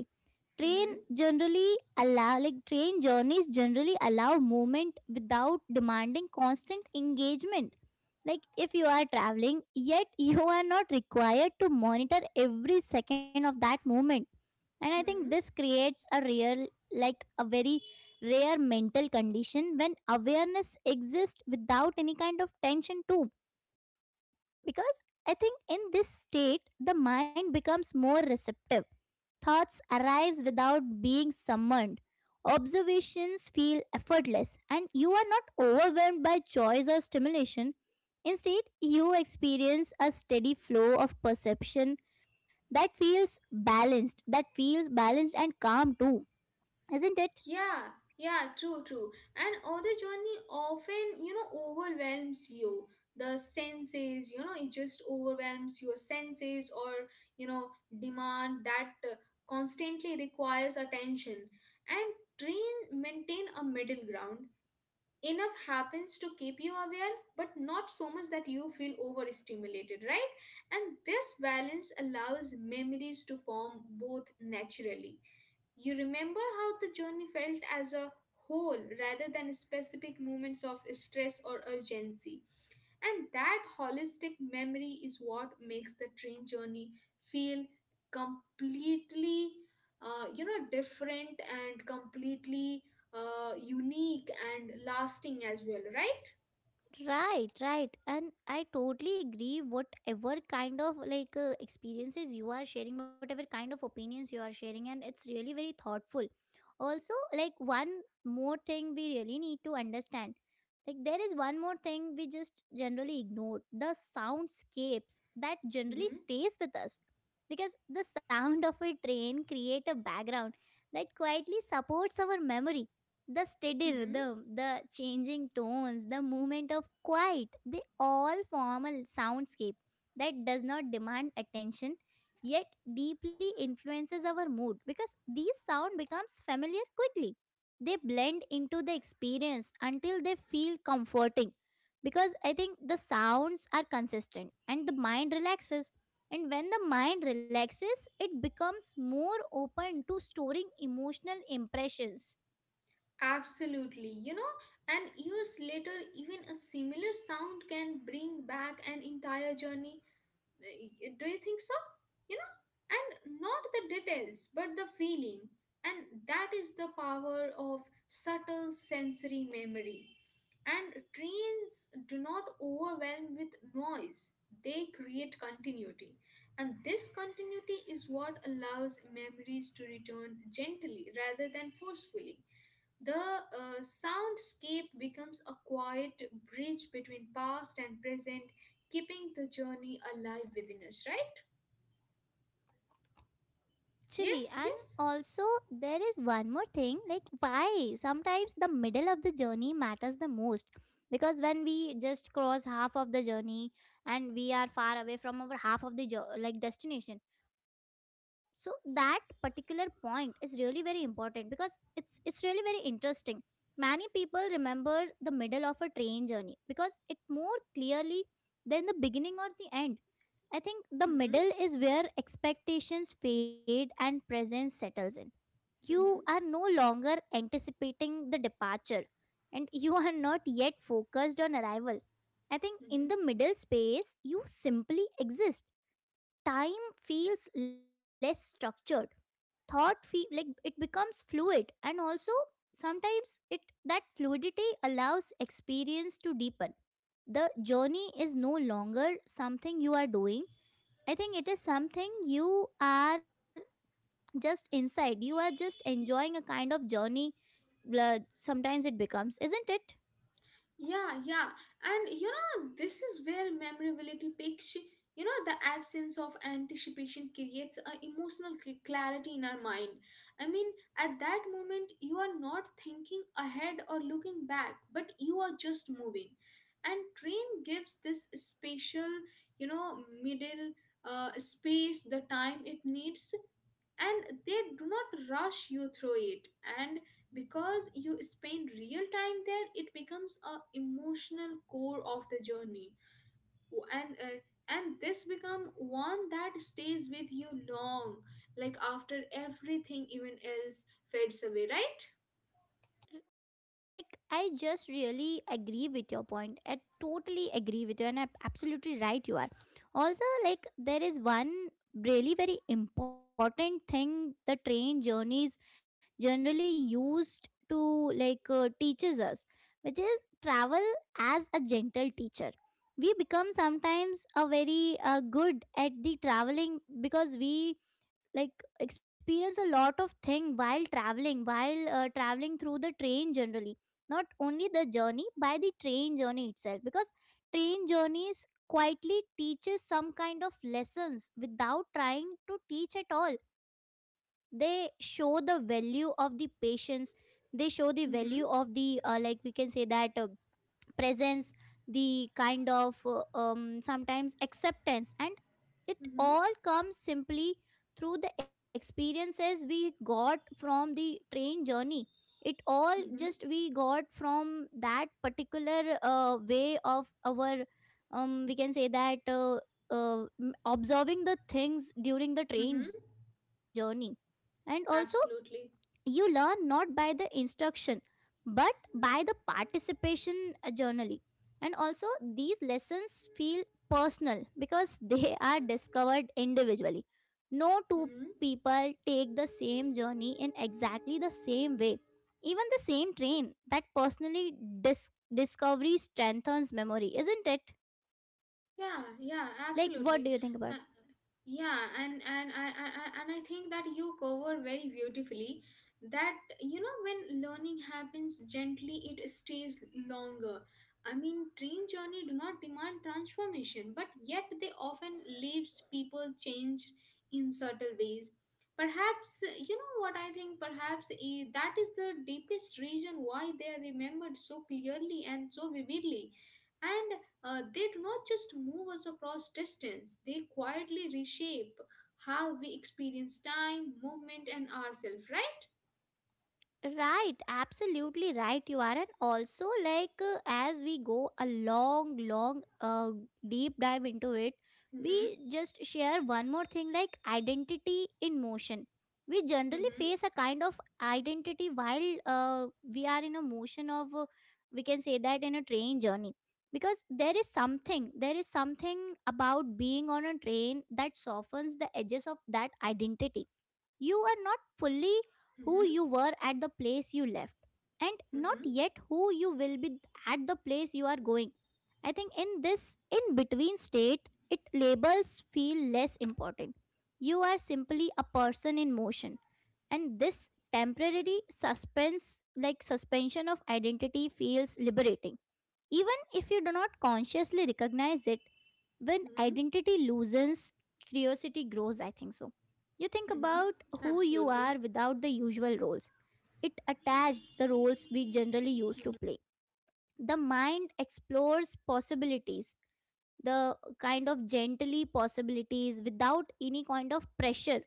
Speaker 1: train generally allow, like train journeys generally allow movement without demanding constant engagement. Like if you are traveling, yet you are not required to monitor every second of that movement, and I think this
Speaker 2: Hmm.
Speaker 1: creates a real, like a very rare mental condition when awareness exists without any kind of tension too. Because I think in this state the mind becomes more receptive, thoughts arise without being summoned, observations feel effortless, and you are not overwhelmed by choice or stimulation. Instead you experience a steady flow of perception that feels balanced, and calm too, isn't it?
Speaker 2: Yeah, yeah, true, true. And other journey often, you know, overwhelms you. The senses, you know, it just overwhelms your senses or, you know, demand that constantly requires attention. And train maintain a middle ground. Enough happens to keep you aware, but not so much that you feel overstimulated, right? And this balance allows memories to form both naturally. You remember how the journey felt as a whole rather than specific moments of stress or urgency. And that holistic memory is what makes the train journey feel completely, you know, different and completely unique and lasting as well, right?
Speaker 1: Right, right. And I totally agree, whatever kind of like experiences you are sharing, whatever kind of opinions you are sharing, and it's really very thoughtful. Also, like one more thing we really need to understand, like there is one more thing we just generally ignore, the soundscapes that generally
Speaker 2: Hmm.
Speaker 1: stays with us, because the sound of a train create a background that quietly supports our memory. The steady
Speaker 2: Hmm.
Speaker 1: rhythm, the changing tones, the movement of quiet, they all form a soundscape that does not demand attention, yet deeply influences our mood, because these sound becomes familiar quickly. They blend into the experience until they feel comforting, because I think the sounds are consistent and the mind relaxes, and when the mind relaxes it becomes more open to storing emotional impressions.
Speaker 2: Absolutely. You know, and years later, even a similar sound can bring back an entire journey. Do you think so? You know, and not the details but the feeling. And that is the power of subtle sensory memory. And trains do not overwhelm with noise, they create continuity. And this continuity is what allows memories to return gently rather than forcefully. The soundscape becomes a quiet bridge between past and present, keeping the journey alive within us, right?
Speaker 1: Right, actually.
Speaker 2: Yes,
Speaker 1: And
Speaker 2: yes.
Speaker 1: also, there is one more thing, like, why sometimes the middle of the journey matters the most. Because when we just cross half of the journey and we are far away from our half of the destination, so that particular point is really very important, because it's really very interesting. Many people remember the middle of a train journey because it more clearly than the beginning or the end. I think the
Speaker 2: Mm-hmm,
Speaker 1: middle is where expectations fade and presence settles in. You are
Speaker 2: mm-hmm,
Speaker 1: no longer anticipating the departure, and you are not yet focused on arrival. I think in the
Speaker 2: mm-hmm.
Speaker 1: middle space, you simply exist. Time feels less structured. Thought feel like it becomes fluid, and also sometimes it that fluidity allows experience to deepen. The journey is no longer something you are doing, I think it is something you are just inside. You are just enjoying a kind of journey. Blah, sometimes it becomes, isn't it?
Speaker 2: Yeah, yeah. And you know, this is where memorability picks, you know, the absence of anticipation creates a emotional clarity in our mind. I mean, at that moment, you are not thinking ahead or looking back, but you are just moving. And train gives this spatial, you know, middle space, the time it needs, and they do not rush you through it, and because you spend real time there, it becomes a emotional core of the journey. And uh, and this become one that stays with you long, like after everything even else fades away, right?
Speaker 1: Like, I just really agree with your point. I totally agree with you, and I'm absolutely right you are. Also, like, there is one really very important thing the train journeys generally used to like teaches us, which is travel as a gentle teacher. We become sometimes a very good at the traveling because we like experience a lot of thing while traveling, while traveling through the train generally, not only the journey by the train journey itself, because train journeys quietly teaches some kind of lessons without trying to teach at all. They show the value of the patience, they show the value
Speaker 2: Mm-hmm,
Speaker 1: of the like we can say that presence, the kind of sometimes acceptance, and it
Speaker 2: mm-hmm,
Speaker 1: all comes simply through the experiences we got from the train journey. It all
Speaker 2: mm-hmm,
Speaker 1: just we got from that particular way of our we can say that observing the things during the train
Speaker 2: mm-hmm,
Speaker 1: journey. And also you
Speaker 2: absolutely.
Speaker 1: learn not by the instruction, but by the participation, journally. And also these lessons feel personal because they are discovered individually. No two
Speaker 2: Mm-hmm.
Speaker 1: people take the same journey in exactly the same way, even the same train. That personally discovery strengthens memory, isn't it?
Speaker 2: Yeah, yeah,
Speaker 1: Like, what
Speaker 2: absolutely.
Speaker 1: do you think about
Speaker 2: uh,
Speaker 1: it?
Speaker 2: yeah, and I think that you cover very beautifully that, you know, when learning happens gently it stays longer. I mean, train journey do not demand transformation, but yet they often leaves people changed in subtle ways. Perhaps you know, what I think, perhaps that is the deepest reason why they are remembered so clearly and so vividly. And they do not just move us across distance, they quietly reshape how we experience time, movement, and ourselves, right?
Speaker 1: Right, absolutely right you are. And also like as we go a long, long, deep dive into it,
Speaker 2: Mm-hmm,
Speaker 1: we just share one more thing, like identity in motion. We generally
Speaker 2: mm-hmm,
Speaker 1: face a kind of identity while we are in a motion of, we can say that in a train journey, because there is something about being on a train that softens the edges of that identity. You are not fully who
Speaker 2: mm-hmm,
Speaker 1: you were at the place you left, and not
Speaker 2: mm-hmm,
Speaker 1: yet who you will be at the place you are going. I think in this in between state, it labels feel less important. You are simply a person in motion, and this temporary suspense, like suspension of identity, feels liberating. Even if you do not consciously recognize it, when
Speaker 2: mm-hmm,
Speaker 1: identity loosens, curiosity grows, I think so. You think
Speaker 2: mm-hmm.
Speaker 1: about who you
Speaker 2: Absolutely.
Speaker 1: are without the usual roles, it attached the roles we generally used to play. The mind explores possibilities, the kind of gently possibilities without any kind of pressure,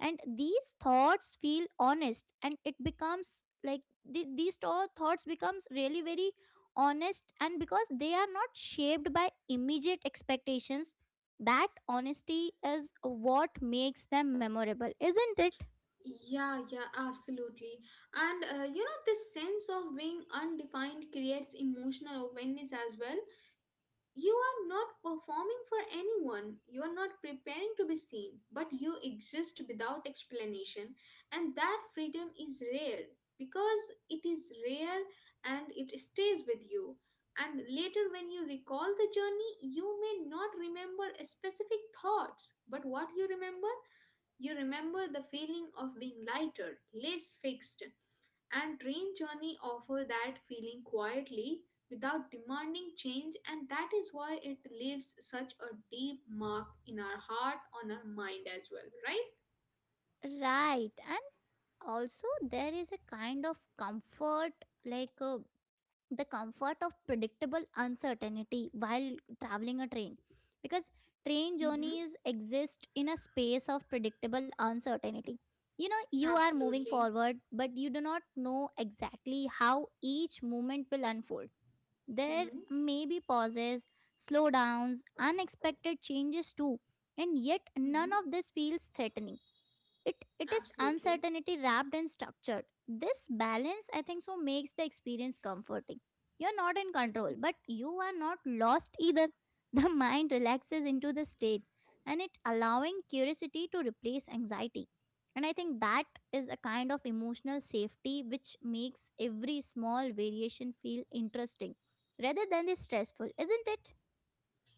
Speaker 1: and these thoughts feel honest, and it becomes like these thoughts becomes really very honest, and because they are not shaped by immediate expectations, that honesty is what makes them memorable, isn't it?
Speaker 2: Yeah, yeah, absolutely. And you know, this sense of being undefined creates emotional awareness as well. You are not performing for anyone, you are not preparing to be seen, but you exist without explanation. And that freedom is rare, because it is rare and it stays with you. And later when you recall the journey, you may not remember specific thoughts, but what you remember, you remember the feeling of being lighter, less fixed, and train journey offer that feeling quietly without demanding change. And that is why it leaves such a deep mark in our heart, on our mind as well, right?
Speaker 1: Right, and also, there is a kind of comfort, like the comfort of predictable uncertainty while traveling a train, because train
Speaker 2: Mm-hmm.
Speaker 1: journeys exist in a space of predictable uncertainty. You know you are moving
Speaker 2: Absolutely.
Speaker 1: forward, but you do not know exactly how each movement will unfold. There
Speaker 2: Mm-hmm.
Speaker 1: may be pauses, slowdowns, unexpected changes too, and yet none
Speaker 2: Mm-hmm.
Speaker 1: of this feels threatening. It is
Speaker 2: Absolutely.
Speaker 1: uncertainty wrapped and structured. This balance, I think so, makes the experience comforting. You're not in control,
Speaker 2: Mm-hmm.
Speaker 1: but you are not lost either. The mind relaxes into the state, and it allowing curiosity to replace anxiety, and I think that is a kind of emotional safety which makes every small variation feel interesting rather than the stressful, isn't it?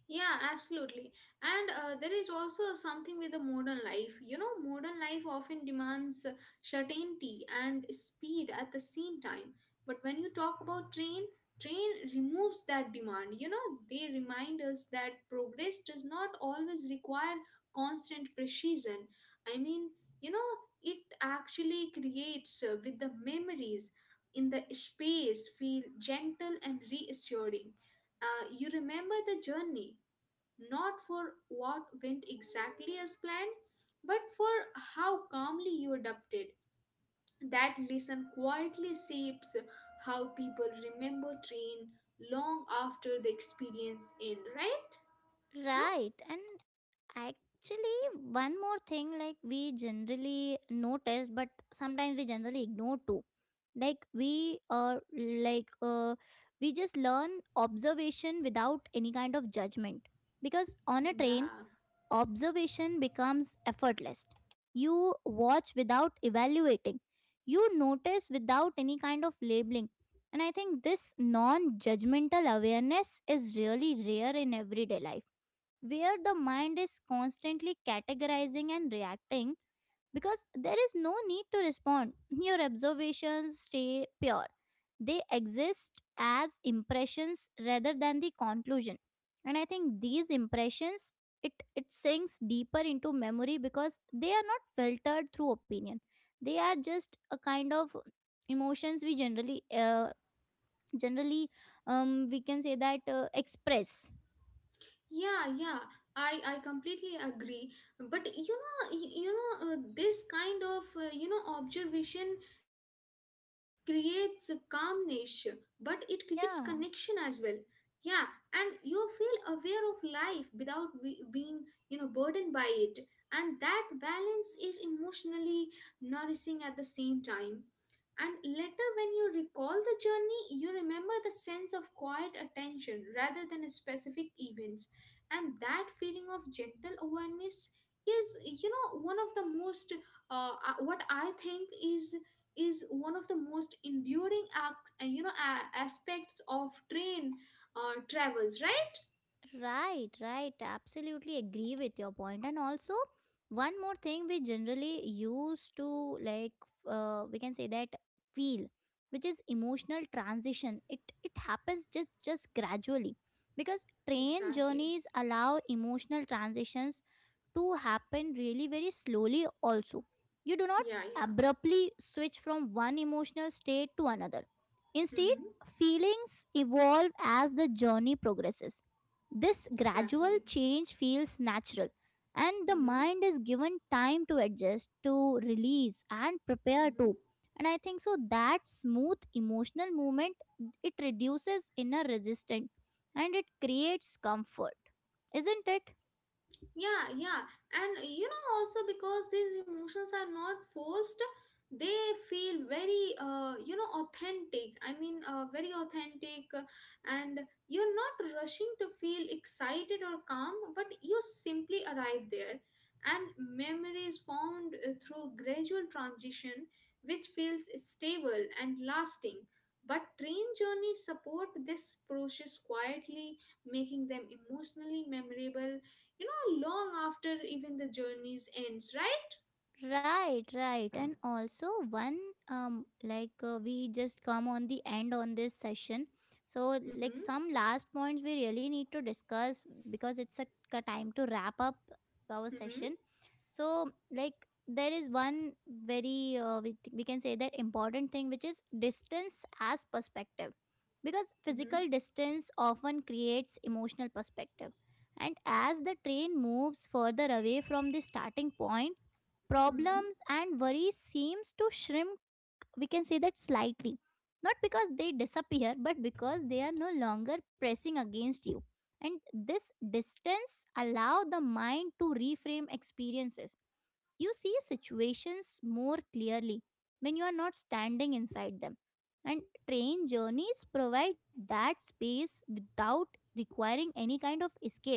Speaker 2: Yeah, absolutely. And there is also something with the modern life. You know, modern life often demands certainty and speed at the same time. But when you talk about train, train removes that demand. You know, they remind us that progress does not always require constant precision. I mean, you know, it actually creates with the memories in the space feel gentle and reassuring. You remember the journey not for what went exactly as planned, but for how calmly you adapted. That lesson quietly shapes how people remember train long after the experience end, right? No?
Speaker 1: Right, and actually, one more thing like we generally notice, but sometimes we generally ignore too. Like we we just learn observation without any kind of judgment. Because on a train,
Speaker 2: Yeah.
Speaker 1: observation becomes effortless. You watch without evaluating. You notice without any kind of labeling. And I think this non-judgmental awareness is really rare in everyday life, where the mind is constantly categorizing and reacting, because there is no need to respond. Your observations stay pure. They exist as impressions rather than the conclusion. And I think these impressions, it sinks deeper into memory because they are not filtered through opinion. They are just a kind of emotions we generally generally we can say that express.
Speaker 2: Yeah. I completely agree, but you know you know this kind of you know observation creates a calmness, but it creates connection as
Speaker 1: Yeah.
Speaker 2: well. Yeah. And you feel aware of life without being, you know, burdened by it, and that balance is emotionally nourishing at the same time. And later, when you recall the journey, you remember the sense of quiet attention rather than specific events, and that feeling of gentle awareness is, you know, one of the most what I think is one of the most enduring you know, aspects of train travels, right?
Speaker 1: Right, right. Absolutely agree with your point. And also, one more thing we generally use to, like, we can say that feel, which is emotional transition. It happens just gradually, because train
Speaker 2: Exactly.
Speaker 1: journeys allow emotional transitions to happen really very slowly. Also you do not
Speaker 2: Yeah.
Speaker 1: abruptly switch from one emotional state to another. Instead
Speaker 2: Mm-hmm.
Speaker 1: feelings evolve as the journey progresses. This gradual
Speaker 2: Exactly.
Speaker 1: change feels natural, and the
Speaker 2: Mm-hmm.
Speaker 1: mind is given time to adjust, to release and prepare to.
Speaker 2: Mm-hmm.
Speaker 1: And I think so that smooth emotional movement, it reduces inner resistance and it creates comfort, isn't it?
Speaker 2: Yeah. And you know, also, because these emotions are not forced, they feel very you know, authentic. I mean, very authentic. And you're not rushing to feel excited or calm, but you simply arrive there, and memory is formed through gradual transition, which feels stable and lasting. But train journeys support this process quietly, making them emotionally memorable, you know, long after even the journeys ends, right?
Speaker 1: Right, right. And also one we just come on the end on this session. So
Speaker 2: Mm-hmm.
Speaker 1: like some last points we really need to discuss, because it's a time to wrap up our
Speaker 2: Mm-hmm.
Speaker 1: session. So like there is one very we can say that important thing, which is distance as perspective, because
Speaker 2: Mm-hmm.
Speaker 1: physical distance often creates emotional perspective, and as the train moves further away from the starting point, problems
Speaker 2: Mm-hmm.
Speaker 1: and worries seems to shrink, we can say that slightly, not because they disappear, but because they are no longer pressing against you. And this distance allow the mind to reframe experiences. You see situations more clearly when you are not standing inside them, and train journeys provide that space without requiring any kind of escape.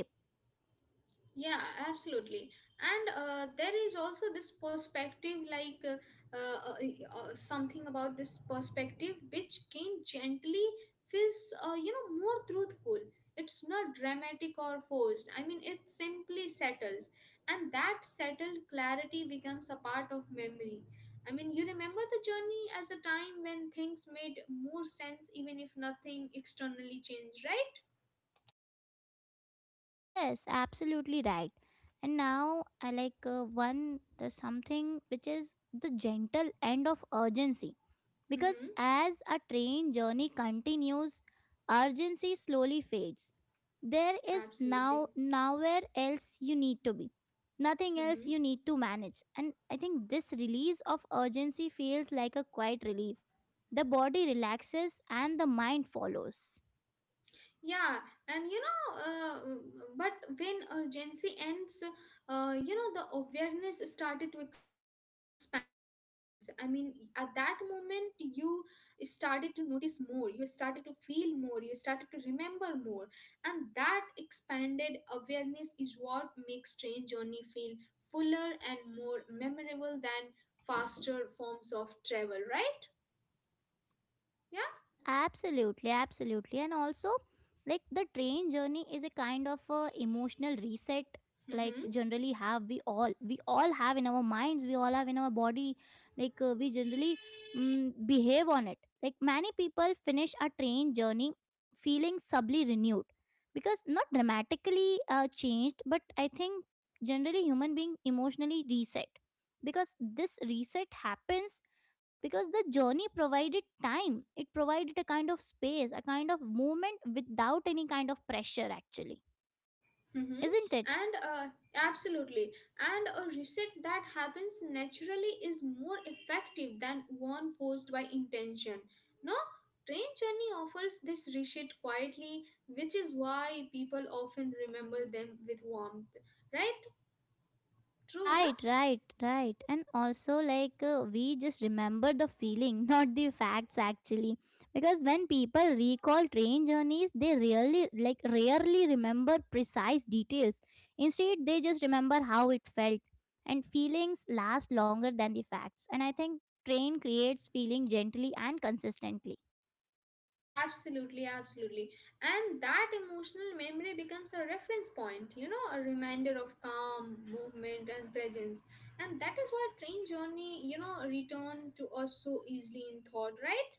Speaker 2: Yeah, absolutely. And there is also this perspective, like something about this perspective which came gently, feels, you know, more truthful. It's not dramatic or forced. I mean, it simply settles. And that settled clarity becomes a part of memory. I mean, you remember the journey as a time when things made more sense, even if nothing externally changed, right?
Speaker 1: Yes, absolutely right. And now I like one the something, which is the gentle end of urgency, because
Speaker 2: Mm-hmm.
Speaker 1: as a train journey continues, urgency slowly fades. There is
Speaker 2: Absolutely.
Speaker 1: now nowhere else you need to be. Nothing else
Speaker 2: Mm-hmm.
Speaker 1: you need to manage. And I think this release of urgency feels like a quiet relief. The body relaxes and the mind follows.
Speaker 2: Yeah, and you know, but when urgency ends, you know, the awareness started to expand. I mean, at that moment, you started to notice more, you started to feel more, you started to remember more. And that expanded awareness is what makes Train Journey feel fuller and more memorable than faster forms of travel, right? Yeah.
Speaker 1: Absolutely, absolutely. And also, like the train journey is a kind of a emotional reset, like
Speaker 2: Mm-hmm.
Speaker 1: generally have we all, we all have in our minds, we all have in our body, like we generally, mm, behave on it. Like many people finish a train journey feeling subtly renewed, because not dramatically changed, but I think generally human being emotionally reset, because this reset happens because the journey provided time, it provided a kind of space, a kind of movement without any kind of pressure actually,
Speaker 2: Mm-hmm.
Speaker 1: isn't it?
Speaker 2: And absolutely. And a reset that happens naturally is more effective than one forced by intention. No, train journey offers this reset quietly, which is why people often remember them with warmth. Right? True, no?
Speaker 1: Right, right, right. And also like we just remember the feeling not the facts actually, because when people recall train journeys, they really like rarely remember precise details. Instead they just remember how it felt, and feelings last longer than the facts, and I think train creates feeling gently and consistently.
Speaker 2: Absolutely, absolutely. And that emotional memory becomes a reference point, you know, a reminder of calm, movement, and presence. And that is why train journey, you know, return to us so easily in thought, right?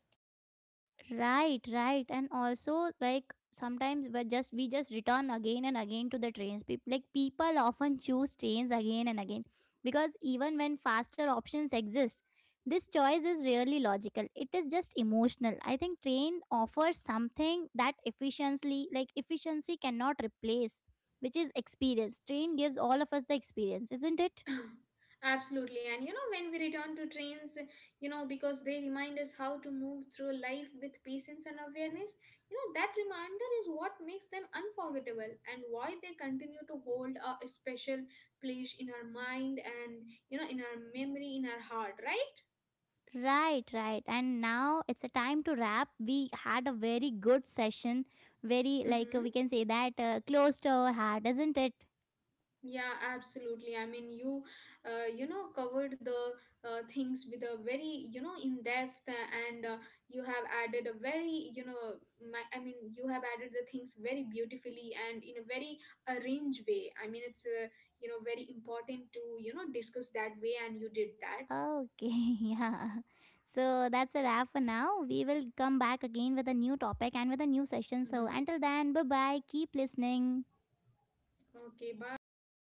Speaker 1: Right, right, and also like sometimes we just return again and again to the trains. People often choose trains again and again, because even when faster options exist, this choice is rarely logical. It is just emotional. I think train offers something that efficiently, like efficiency cannot replace, which is experience. Train gives all of us the experience, isn't it?
Speaker 2: Absolutely. And you know, when we return to trains, you know, because they remind us how to move through life with patience and awareness, you know, that reminder is what makes them unforgettable and why they continue to hold a special place in our mind and, you know, in our memory, in our heart, right?
Speaker 1: Right, right. And now it's a time to wrap. We had a very good session. Very, like,
Speaker 2: Mm-hmm.
Speaker 1: we can say that close to our heart, isn't it?
Speaker 2: Yeah, absolutely. I mean, you, you know, covered the things with a very, you know, in depth, and you have added a very, you know, I mean, you have added the things very beautifully and in a very arranged way. I mean, it's, you know, very important to, you know, discuss that way, and you did that.
Speaker 1: Okay, yeah. So that's a wrap for now. We will come back again with a new topic and with a new session. So
Speaker 2: Mm-hmm.
Speaker 1: until then, bye bye. Keep listening.
Speaker 2: Okay, bye.